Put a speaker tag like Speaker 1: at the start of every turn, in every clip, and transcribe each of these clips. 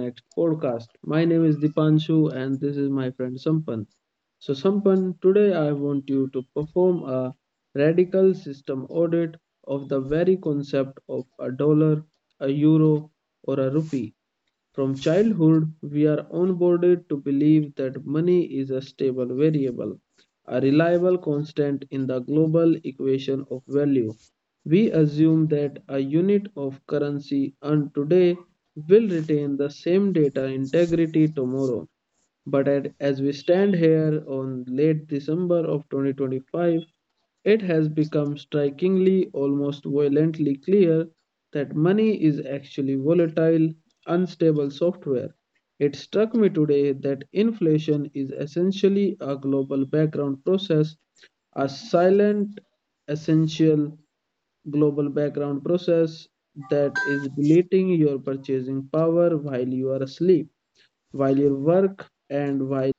Speaker 1: Next podcast. My name is Dipanshu and this is my friend Sampan. So Sampan, today I want you to perform a radical system audit of the very concept of a dollar, a euro or a rupee. From childhood, we are onboarded to believe that money is a stable variable, a reliable constant in the global equation of value. We assume that a unit of currency earned today will retain the same data integrity tomorrow. But as we stand here on late December of 2025, it has become strikingly, almost violently clear that money is actually volatile, unstable software. It struck me today that inflation is essentially a global background process, a silent, essential global background process that is deleting your purchasing power while you are asleep, while you work, and while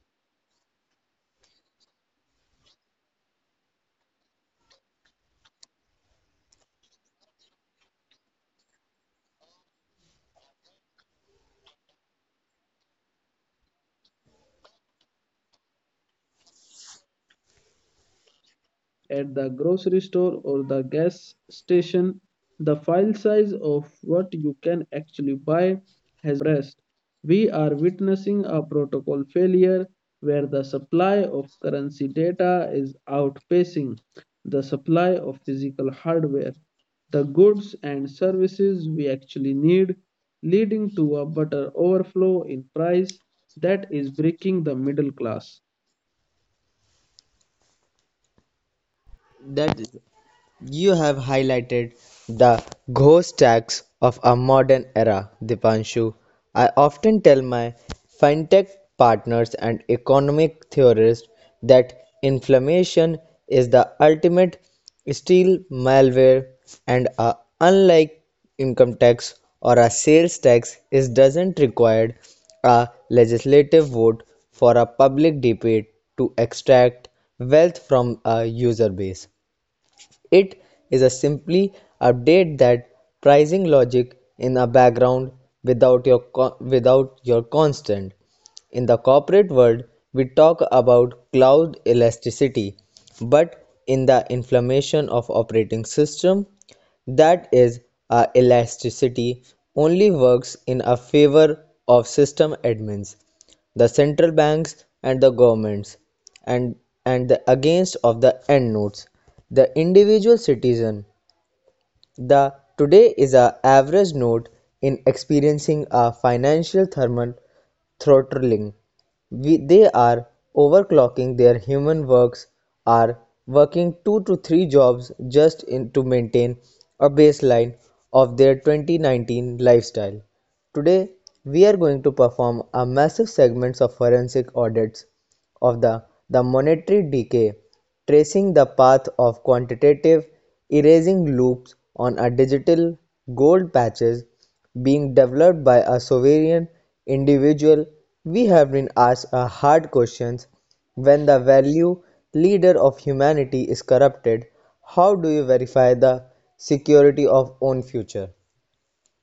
Speaker 1: at the grocery store or the gas station, the file size of what you can actually buy has compressed. We are witnessing a protocol failure where the supply of currency data is outpacing the supply of physical hardware, the goods and services we actually need, leading to a butter overflow in price that is breaking the middle class.
Speaker 2: That is, you have highlighted the ghost tax of a modern era, Dipanshu. I often tell my fintech partners and economic theorists that inflammation is the ultimate steel malware and unlike income tax or a sales tax, it doesn't require a legislative vote for a public debate to extract wealth from a user base. It is a simply update that pricing logic in a background without your without your constant. In the corporate world, we talk about cloud elasticity, but in the inflammation of operating system, that is elasticity only works in a favor of system admins, the central banks and the governments, and, and the against of the end notes, the individual citizen. The today is an average node in experiencing a financial thermal throttling. They are overclocking their human works, are working two to three jobs just in, to maintain a baseline of their 2019 lifestyle. Today, we are going to perform a massive segments of forensic audits of the monetary decay, tracing the path of quantitative erasing loops on a digital gold patches being developed by a sovereign individual. We have been asked a hard questions: when the value leader of humanity is corrupted, how do you verify the security of own future?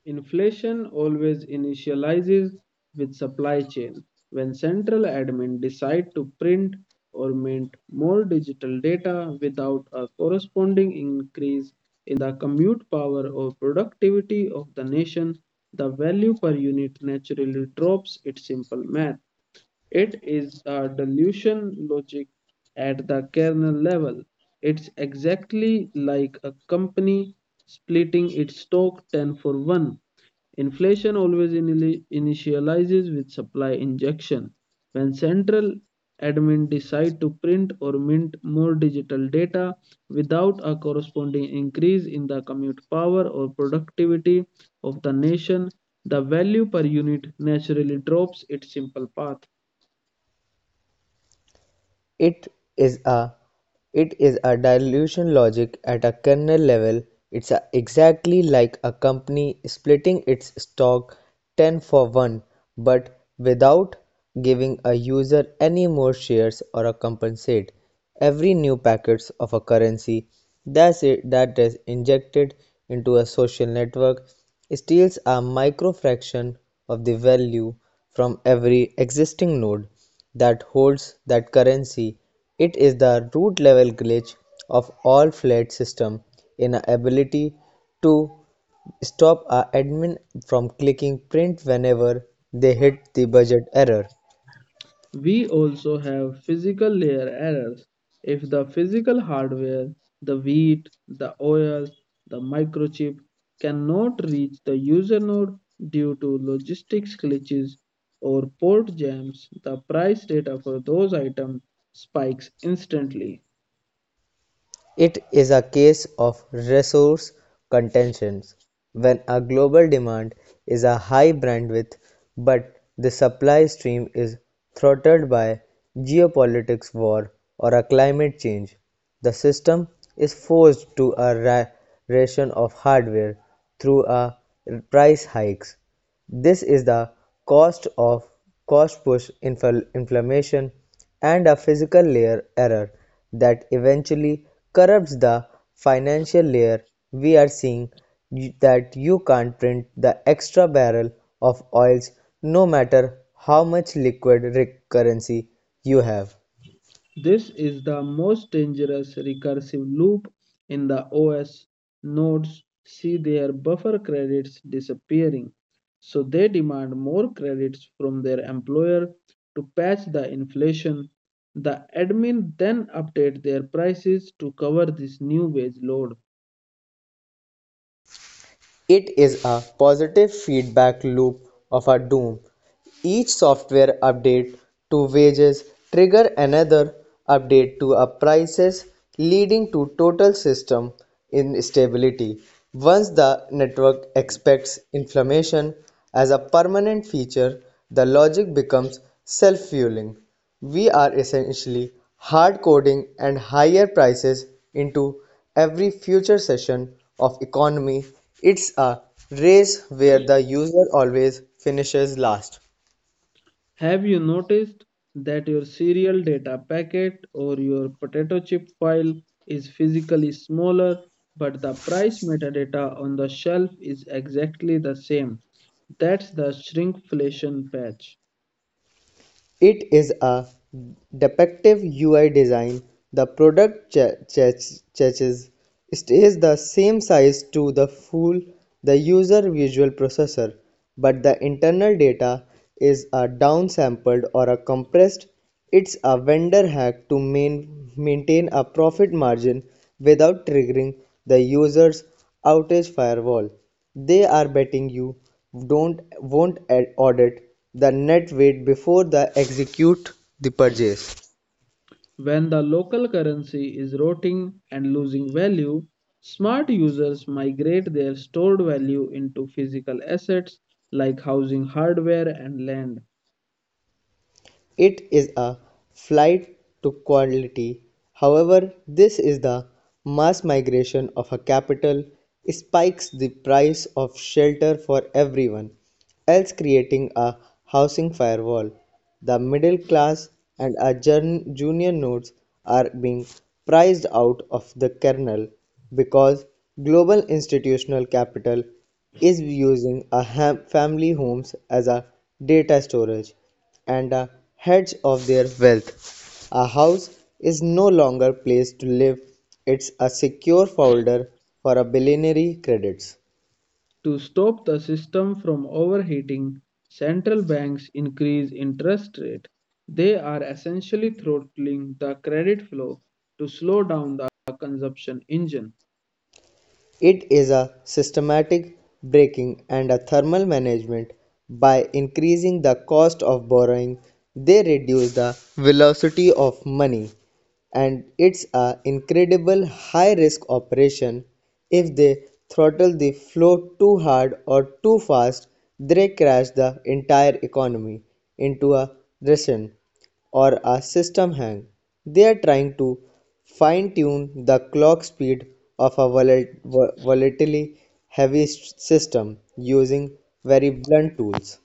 Speaker 1: Inflation always initializes with supply chain. When central admin decide to print or mint more digital data without a corresponding increase in the commute power or productivity of the nation, the value per unit naturally drops. It's simple math. It is a dilution logic at the kernel level. It's exactly like a company splitting its stock 10 for 1. Inflation always initializes with supply injection. When central admin decide to print or mint more digital data without a corresponding increase in the commute power or productivity of the nation, the value per unit naturally drops its simple path.
Speaker 2: It is a it is a dilution logic at a kernel level. It's a exactly like a company splitting its stock 10 for 1 but without giving a user any more shares or a compensate. Every new packets of a currency that's it, that is injected into a social network steals a micro fraction of the value from every existing node that holds that currency. It is the root level glitch of all fiat system in our ability to stop our admin from clicking print whenever they hit the budget error.
Speaker 1: We also have physical layer errors. If the physical hardware, the wheat, the oil, the microchip cannot reach the user node due to logistics glitches or port jams, the price data for those items spikes instantly.
Speaker 2: It is a case of resource contentions. When a global demand is a high bandwidth but the supply stream is throttled by geopolitics war or a climate change, the system is forced to a ration of hardware through a price hikes. This is the cost of cost-push inflammation and a physical layer error that eventually corrupts the financial layer. We are seeing that you can't print the extra barrel of oils no matter how much liquid currency you have.
Speaker 1: This is the most dangerous recursive loop in the OS. Nodes see their buffer credits disappearing, so they demand more credits from their employer to patch the inflation. The admin then update their prices to cover this new wage load.
Speaker 2: It is a positive feedback loop of a doom. Each software update to wages trigger another update to a prices, leading to total system instability. Once the network expects inflammation as a permanent feature, the logic becomes self-fueling. We are essentially hard coding and higher prices into every future session of economy. It's a race where the user always finishes last.
Speaker 1: Have you noticed that your serial data packet or your potato chip file is physically smaller, but the price metadata on the shelf is exactly the same? That's the shrinkflation patch.
Speaker 2: It is a depictive UI design; the product cache stays the same size to the fool the user visual processor, but the internal data is a downsampled or a compressed. It's a vendor hack to maintain a profit margin without triggering the user's outage firewall. They are betting you don't won't audit the net weight before they execute the purchase.
Speaker 1: When the local currency is rotting and losing value, smart users migrate their stored value into physical assets like housing hardware and land.
Speaker 2: It is a flight to quality. However, this is the mass migration of a capital spikes the price of shelter for everyone else, creating a housing firewall. The middle class and our junior nodes are being priced out of the kernel because global institutional capital is using a family homes as a data storage and a hedge of their wealth. A house is no longer a place to live, it's a secure folder for a billionaire credits.
Speaker 1: To stop the system from overheating, central banks increase interest rate. They are essentially throttling the credit flow to slow down the consumption engine.
Speaker 2: It is a systematic braking and a thermal management. By increasing the cost of borrowing, they reduce the velocity of money, and it's an incredible high risk operation. If they throttle the flow too hard or too fast, they crash the entire economy into a recession or a system hang. They are trying to fine tune the clock speed of a volatilely heavy system using very blunt tools.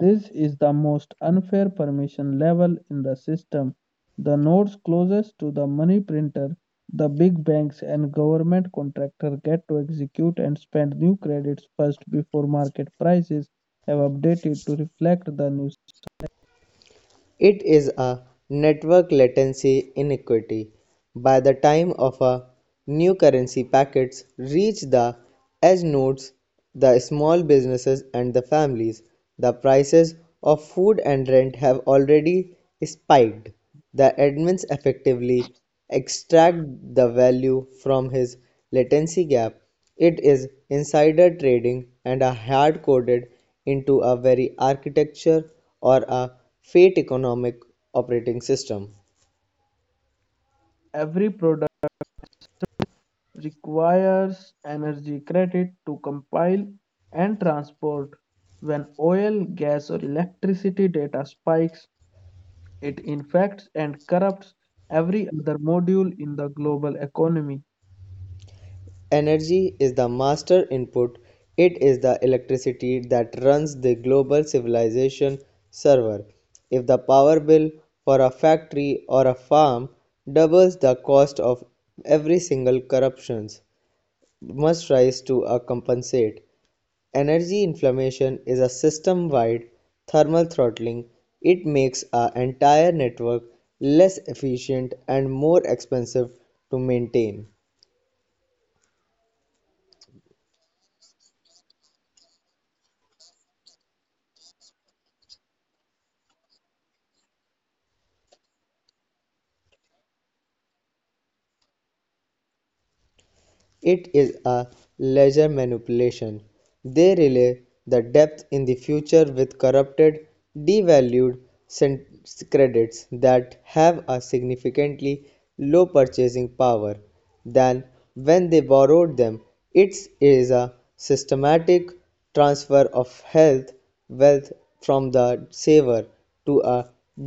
Speaker 1: This is the most unfair permission level in the system. The nodes closest to the money printer, the big banks and government contractor, get to execute and spend new credits first before market prices have updated to reflect the new.
Speaker 2: It is a network latency inequity. By the time of a new currency packets reach the edge nodes, the small businesses and the families, the prices of food and rent have already spiked. The admins effectively extract the value from his latency gap. It is insider trading and are hard coded into a very architecture or a fate economic operating system.
Speaker 1: Every product requires energy credit to compile and transport. When oil, gas, or electricity data spikes, it infects and corrupts every other module in the global economy.
Speaker 2: Energy is the master input. It is the electricity that runs the global civilization server. If the power bill for a factory or a farm doubles, the cost of every single corruptions must rise to a compensate. Energy inflammation is a system wide thermal throttling. It makes our entire network less efficient and more expensive to maintain. It is a ledger manipulation. They relay the depth in the future with corrupted, devalued credits that have a significantly low purchasing power than when they borrowed them. It is a systematic transfer of health wealth from the saver to a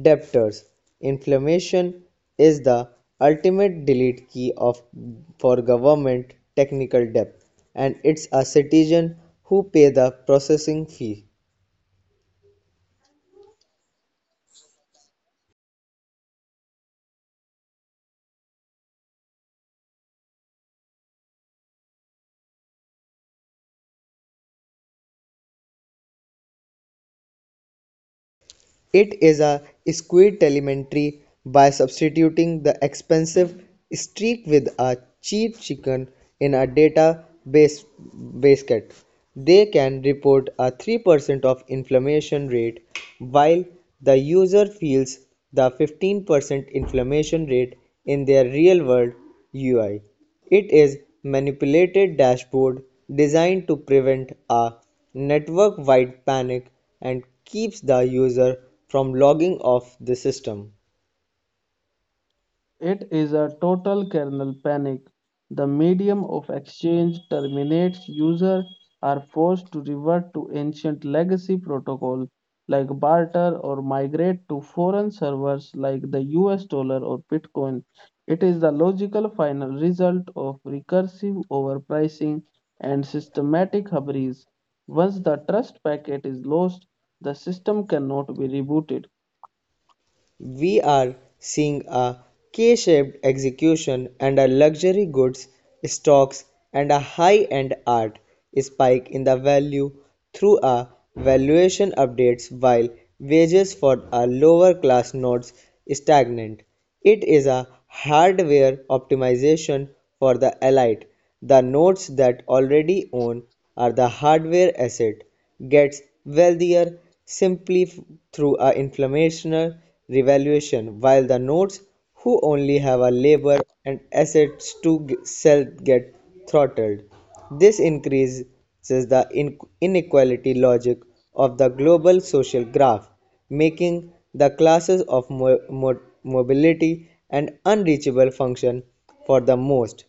Speaker 2: debtors. Inflation is the ultimate delete key of for government technical debt, and it's a citizen who pay the processing fee. It is a squid elementary by substituting the expensive streak with a cheap chicken in a data base basket. They can report a 3% of inflammation rate while the user feels the 15% inflammation rate in their real world UI. It is manipulated dashboard designed to prevent a network-wide panic and keeps the user from logging off the system.
Speaker 1: It is a total kernel panic. The medium of exchange terminates. Users are forced to revert to ancient legacy protocol like barter or migrate to foreign servers like the US dollar or Bitcoin. It is the logical final result of recursive overpricing and systematic hubris. Once the trust packet is lost, the system cannot be rebooted.
Speaker 2: We are seeing a K-shaped execution and a luxury goods, stocks and a high-end art spike in the value through a valuation updates while wages for a lower class nodes stagnant. It is a hardware optimization for the elite. The nodes that already own are the hardware asset gets wealthier simply through a inflationary revaluation, while the nodes who only have a labor and assets to sell get throttled. This increases the inequality logic of the global social graph, making the classes of mobility an unreachable function for the most.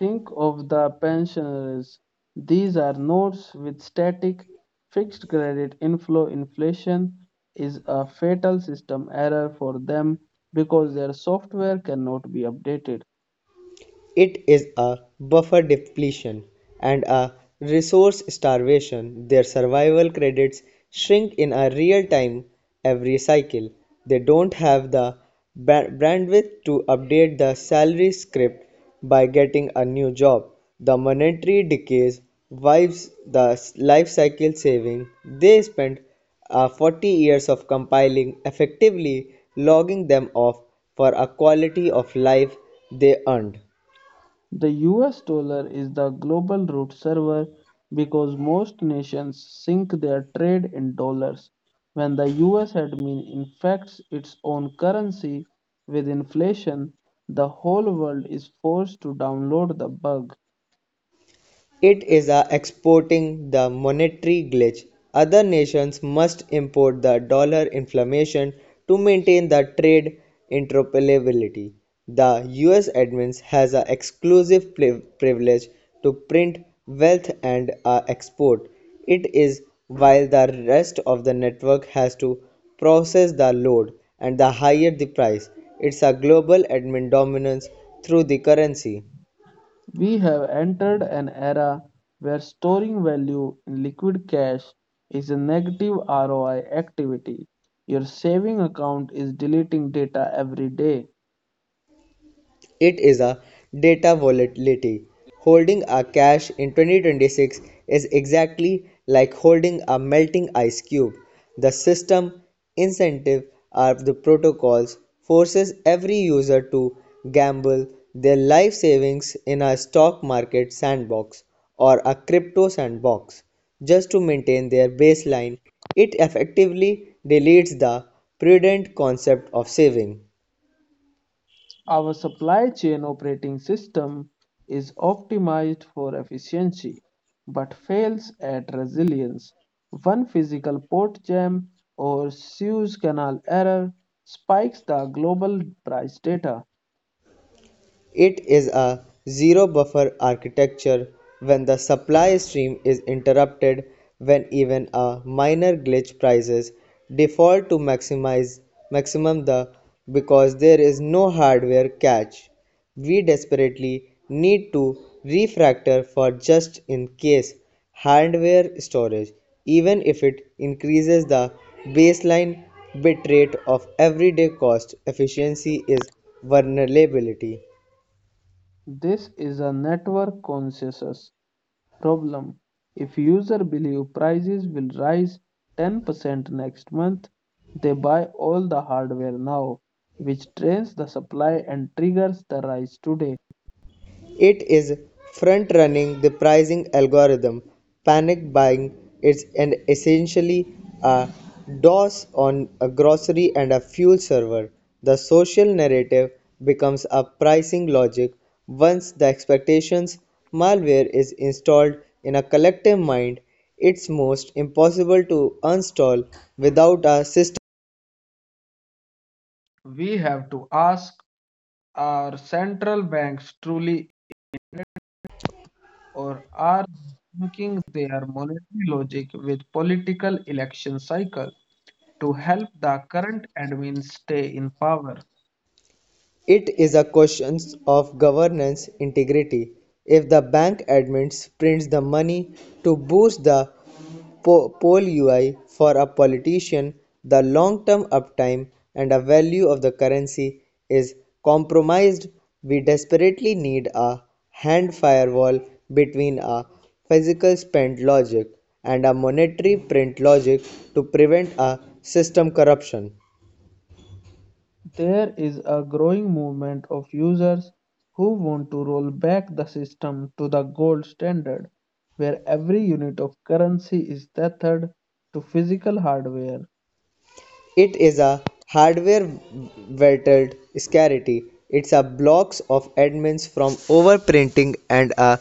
Speaker 1: Think of the pensioners. These are notes with static, fixed credit inflow. Inflation is a fatal system error for them because their software cannot be updated.
Speaker 2: It is a buffer depletion and a resource starvation. Their survival credits shrink in a real time every cycle. They don't have the bandwidth to update the salary script by getting a new job. The monetary decays wives the life cycle saving they spent 40 years of compiling, effectively logging them off for a quality of life they earned.
Speaker 1: The US dollar is the global root server because most nations sync their trade in dollars. When the US admin infects its own currency with inflation, the whole world is forced to download the bug.
Speaker 2: It is a exporting the monetary glitch. Other nations must import the dollar inflation to maintain the trade interoperability. The US admins has a exclusive privilege to print wealth and export. It is while the rest of the network has to process the load and the higher the price. It's a global admin dominance through the currency.
Speaker 1: We have entered an era where storing value in liquid cash is a negative ROI activity. Your saving account is deleting data every day.
Speaker 2: It is a data volatility. Holding a cash in 2026 is exactly like holding a melting ice cube. The system incentive are the protocols forces every user to gamble their life savings in a stock market sandbox or a crypto sandbox just to maintain their baseline. It effectively deletes the prudent concept of saving.
Speaker 1: Our supply chain operating system is optimized for efficiency but fails at resilience. One physical port jam or Suez Canal error spikes the global price data.
Speaker 2: It is a zero-buffer architecture. When the supply stream is interrupted, when even a minor glitch, prices default to maximize maximum the, because there is no hardware catch. We desperately need to refactor for just in case hardware storage, even if it increases the baseline bitrate of everyday cost. Efficiency is vulnerability.
Speaker 1: This is a network consensus problem. If users believe prices will rise 10% next month, they buy all the hardware now, which drains the supply and triggers the rise today.
Speaker 2: It is front-running the pricing algorithm; panic buying is an essentially a DOS on a grocery and a fuel server. The social narrative becomes a pricing logic. Once the expectations malware is installed in a collective mind, it's most impossible to uninstall without a system.
Speaker 1: We have to ask, are central banks truly, or are they linking their monetary logic with political election cycle to help the current admin stay in power?
Speaker 2: It is a question of governance integrity. If the bank admins prints the money to boost the poll UI for a politician, the long-term uptime and a value of the currency is compromised. We desperately need a hand firewall between a physical spend logic and a monetary print logic to prevent a system corruption.
Speaker 1: There is a growing movement of users who want to roll back the system to the gold standard, where every unit of currency is tethered to physical hardware.
Speaker 2: It is a hardware-vetted scarcity. It's a blocks of admins from overprinting and a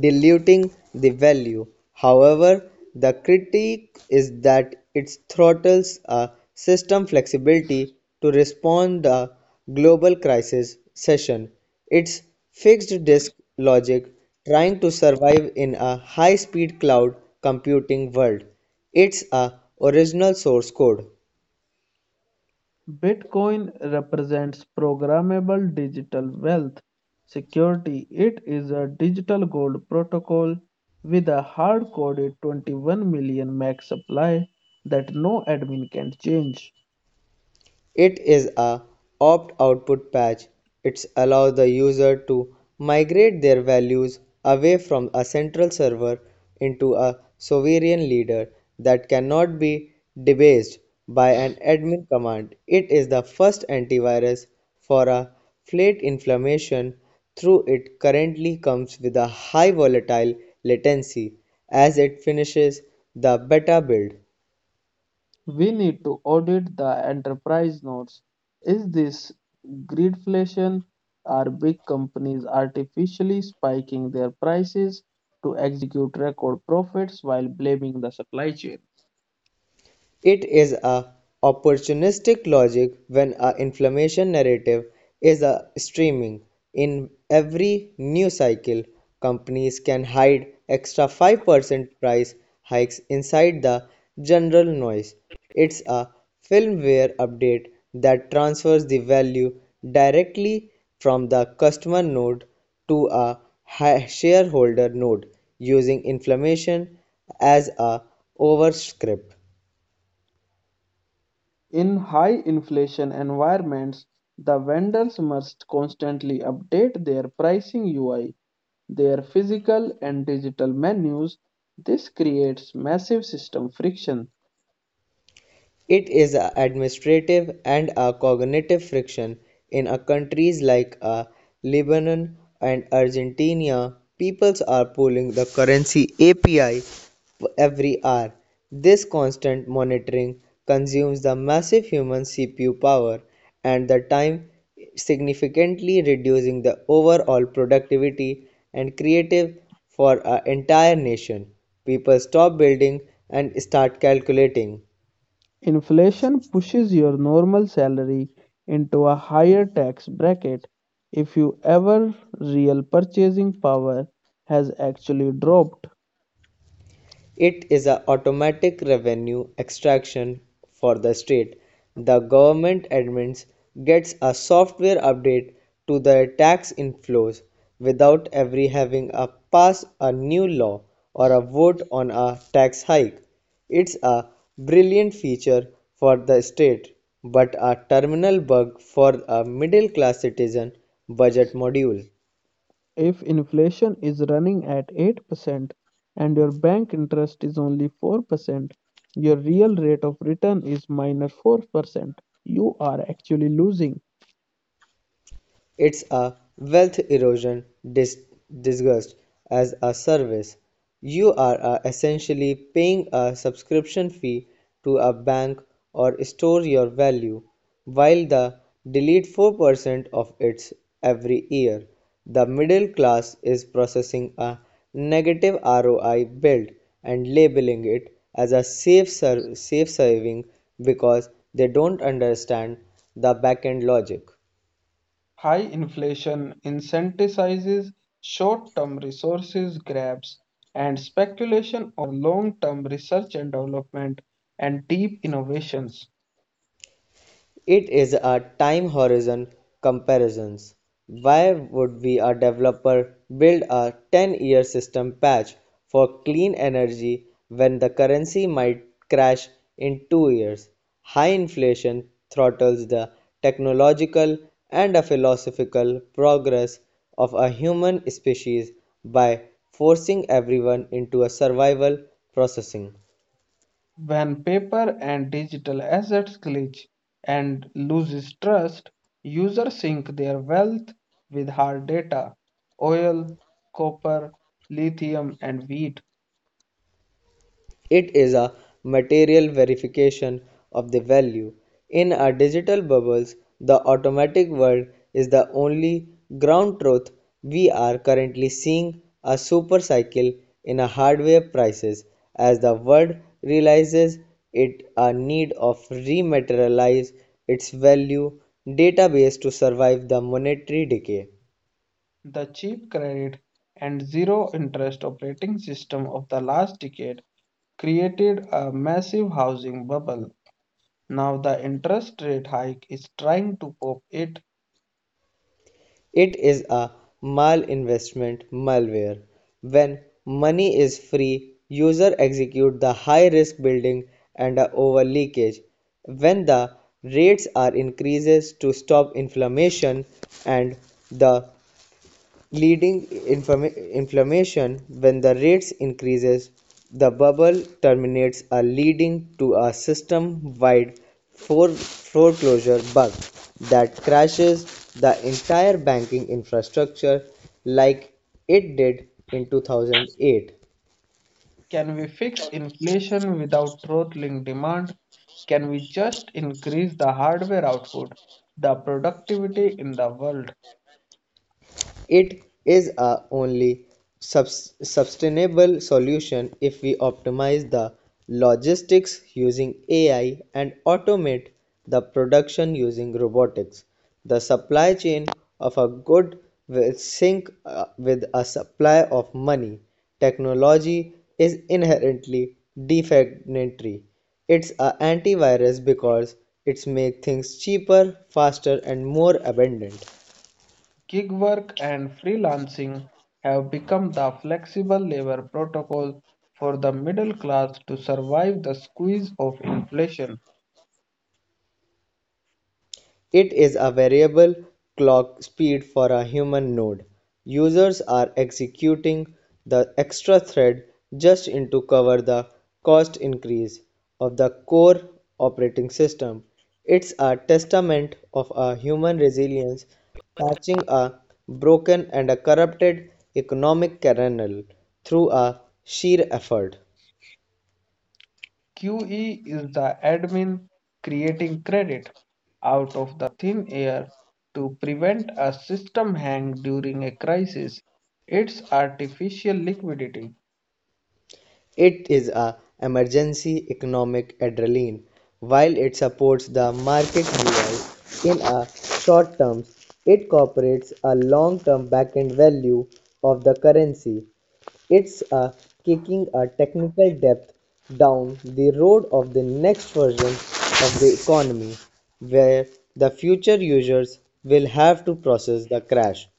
Speaker 2: diluting the value. However, the critique is that it throttles a system flexibility to respond a global crisis session. It's fixed disk logic trying to survive in a high-speed cloud computing world. It's a original source code.
Speaker 1: Bitcoin represents programmable digital wealth security. It is a digital gold protocol with a hard coded 21 million max supply that no admin can change.
Speaker 2: It is a opt-output patch. It allows the user to migrate their values away from a central server into a sovereign leader that cannot be debased by an admin command. It is the first antivirus for a flat inflammation, through it currently comes with a high volatile latency as it finishes the beta build.
Speaker 1: We need to audit the enterprise notes. Is this greedflation? Are big companies artificially spiking their prices to execute record profits while blaming the supply chain?
Speaker 2: It is a opportunistic logic when a inflammation narrative is a streaming. In every news cycle, companies can hide extra 5% price hikes inside the general noise. It's a firmware update that transfers the value directly from the customer node to a shareholder node using inflammation as a overscript.
Speaker 1: In high inflation environments, the vendors must constantly update their pricing UI, their physical and digital menus. This creates massive system friction.
Speaker 2: It is an administrative and a cognitive friction. In a countries like a Lebanon and Argentina, peoples are pulling the currency API every hour. This constant monitoring consumes the massive human CPU power and the time significantly reducing the overall productivity and creative for an entire nation. People stop building and start calculating.
Speaker 1: Inflation pushes your normal salary into a higher tax bracket. If you ever real purchasing power has actually dropped,
Speaker 2: It is an automatic revenue extraction for the state. The government admins gets a software update to the tax inflows without ever having to pass a new law or a vote on a tax hike. It's a brilliant feature for the state, but a terminal bug for a middle class citizen budget module.
Speaker 1: if inflation is running at 8% and your bank interest is only 4%, your real rate of return is 4%. You are actually losing.
Speaker 2: It's a wealth erosion dis- disguised as a service. You are essentially paying a subscription fee to a bank or store your value, while the delete 4% of its every year. The middle class is processing a negative ROI build and labeling it as a safe, safe saving because they don't understand the backend logic.
Speaker 1: High inflation incentivizes short term resources grabs and speculation long term research and development and deep innovations.
Speaker 2: It is a time horizon comparisons. Why would we a developer build a 10-year system patch for clean energy when the currency might crash in 2 years? High inflation throttles the technological and a philosophical progress of a human species by forcing everyone into a survival processing.
Speaker 1: When paper and digital assets glitch and loses trust, users sync their wealth with hard data oil, copper, lithium, and wheat.
Speaker 2: It is a material verification of the value. In our digital bubbles, the automatic world is the only ground truth. We are currently seeing a super cycle in our hardware prices as the world realizes it a need of rematerialize its value database to survive the monetary decay.
Speaker 1: The cheap credit and zero interest operating system of the last decade created a massive housing bubble. Now the interest rate hike is trying to pop it.
Speaker 2: It is a malinvestment malware. When money is free, user execute the high risk building and a over leakage. When the rates are increases to stop inflammation and the leading inflammation when the rates increases the bubble terminates are leading to a system wide foreclosure bug that crashes the entire banking infrastructure like it did in 2008.
Speaker 1: Can we fix inflation without throttling demand? Can we just increase the hardware output? The productivity in the world,
Speaker 2: It is a only sustainable solution if we optimize the logistics using AI and automate the production using robotics. The supply chain of a good will sync with a supply of money. Technology is inherently deflationary. It's a antivirus because it makes things cheaper, faster and more abundant.
Speaker 1: gig work and freelancing have become the flexible labor protocol for the middle class to survive the squeeze of inflation.
Speaker 2: It is a variable clock speed for a human node. Users are executing the extra thread just in to cover the cost increase of the core operating system. It's a testament of a human resilience patching a broken and a corrupted economic kernel through a sheer effort.
Speaker 1: QE is the admin creating credit out of the thin air to prevent a system hang during a crisis. It's artificial liquidity.
Speaker 2: It is a emergency economic adrenaline, while it supports the market reward in a short term, it incorporates a long-term back end value of the currency. It's a kicking a technical depth down the road of the next version of the economy, where the future users will have to process the crash.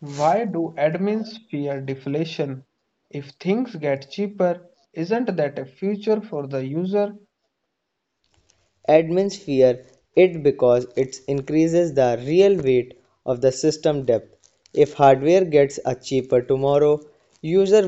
Speaker 1: Why do admins fear deflation? If things get cheaper, isn't that a future for the user?
Speaker 2: Admins fear it because it increases the real weight of the system depth. If hardware gets a cheaper tomorrow, user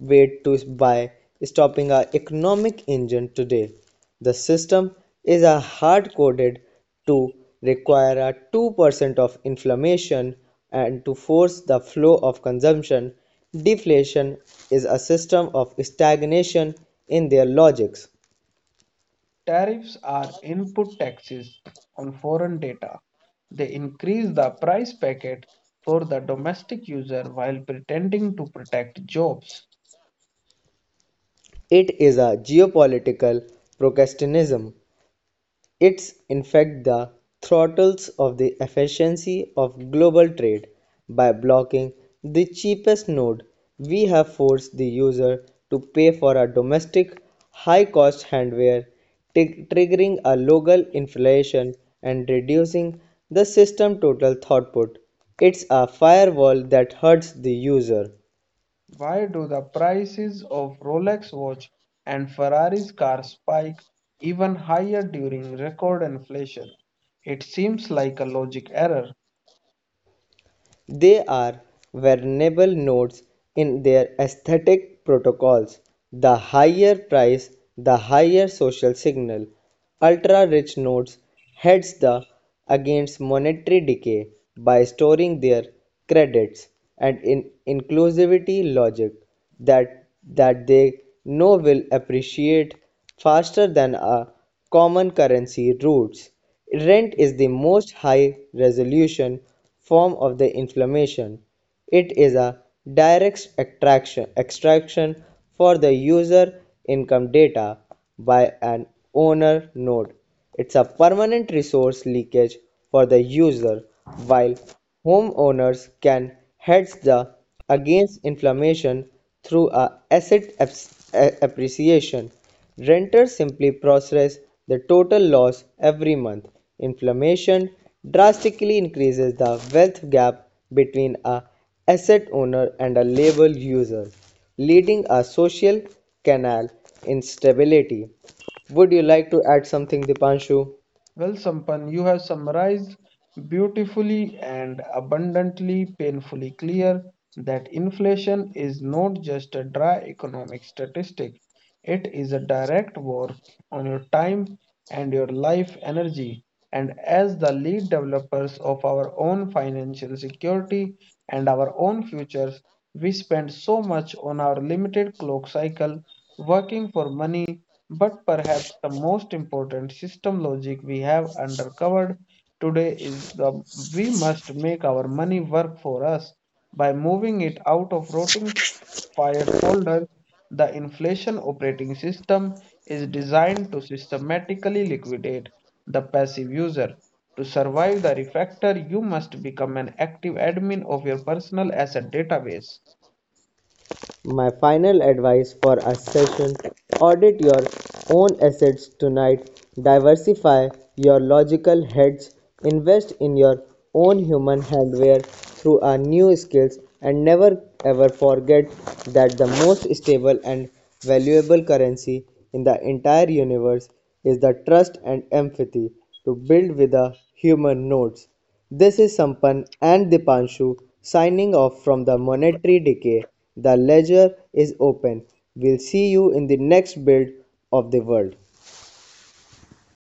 Speaker 2: wait to buy, stopping our economic engine today. The system is a hard coded to require a 2% of inflation and to force the flow of consumption. Deflation is a system of stagnation in their logics.
Speaker 1: Tariffs are input taxes on foreign data. They increase the price packet for the domestic user while pretending to protect jobs.
Speaker 2: It is a geopolitical protectionism; it's in fact the throttles of the efficiency of global trade. By blocking the cheapest node, we have forced the user to pay for a domestic high-cost handware, triggering a local inflation and reducing the system total output. It's a firewall that hurts the user.
Speaker 1: Why do the prices of Rolex watch and Ferrari's car spike even higher during record inflation? It seems like a logic error.
Speaker 2: They are vulnerable nodes in their aesthetic protocols. The higher price, the higher social signal. Ultra-rich nodes hedge the against monetary decay by storing their credits and in inclusivity logic that they know will appreciate faster than a common currency routes. Rent is the most high resolution form of the inflammation. It is a direct extraction for the user income data by an owner node. It's a permanent resource leakage for the user while homeowners can hedge the against inflammation through a asset appreciation. Renters simply process the total loss every month. Inflation drastically increases the wealth gap between a asset owner and a labor user, leading a social canal instability. Would you like to add something, Dipanshu?
Speaker 1: Well, Sampan, you have summarized beautifully and abundantly painfully clear that inflation is not just a dry economic statistic. It is a direct war on your time and your life energy. And as the lead developers of our own financial security and our own futures, we spend so much on our limited clock cycle working for money, but perhaps the most important system logic we have uncovered today is the we must make our money work for us by moving it out of rotting fired folder, the inflation operating system, is designed to systematically liquidate the passive user. To survive the refactor, you must become an active admin of your personal asset database.
Speaker 2: My final advice for a session audit your own assets tonight, diversify your logical heads, invest in your own human hardware through our new skills, and never ever forget that the most stable and valuable currency in the entire universe is the trust and empathy to build with the human nodes. This is Sampan and Dipanshu signing off from the Monetary Decay. The ledger is open. We'll see you in the next build of the world.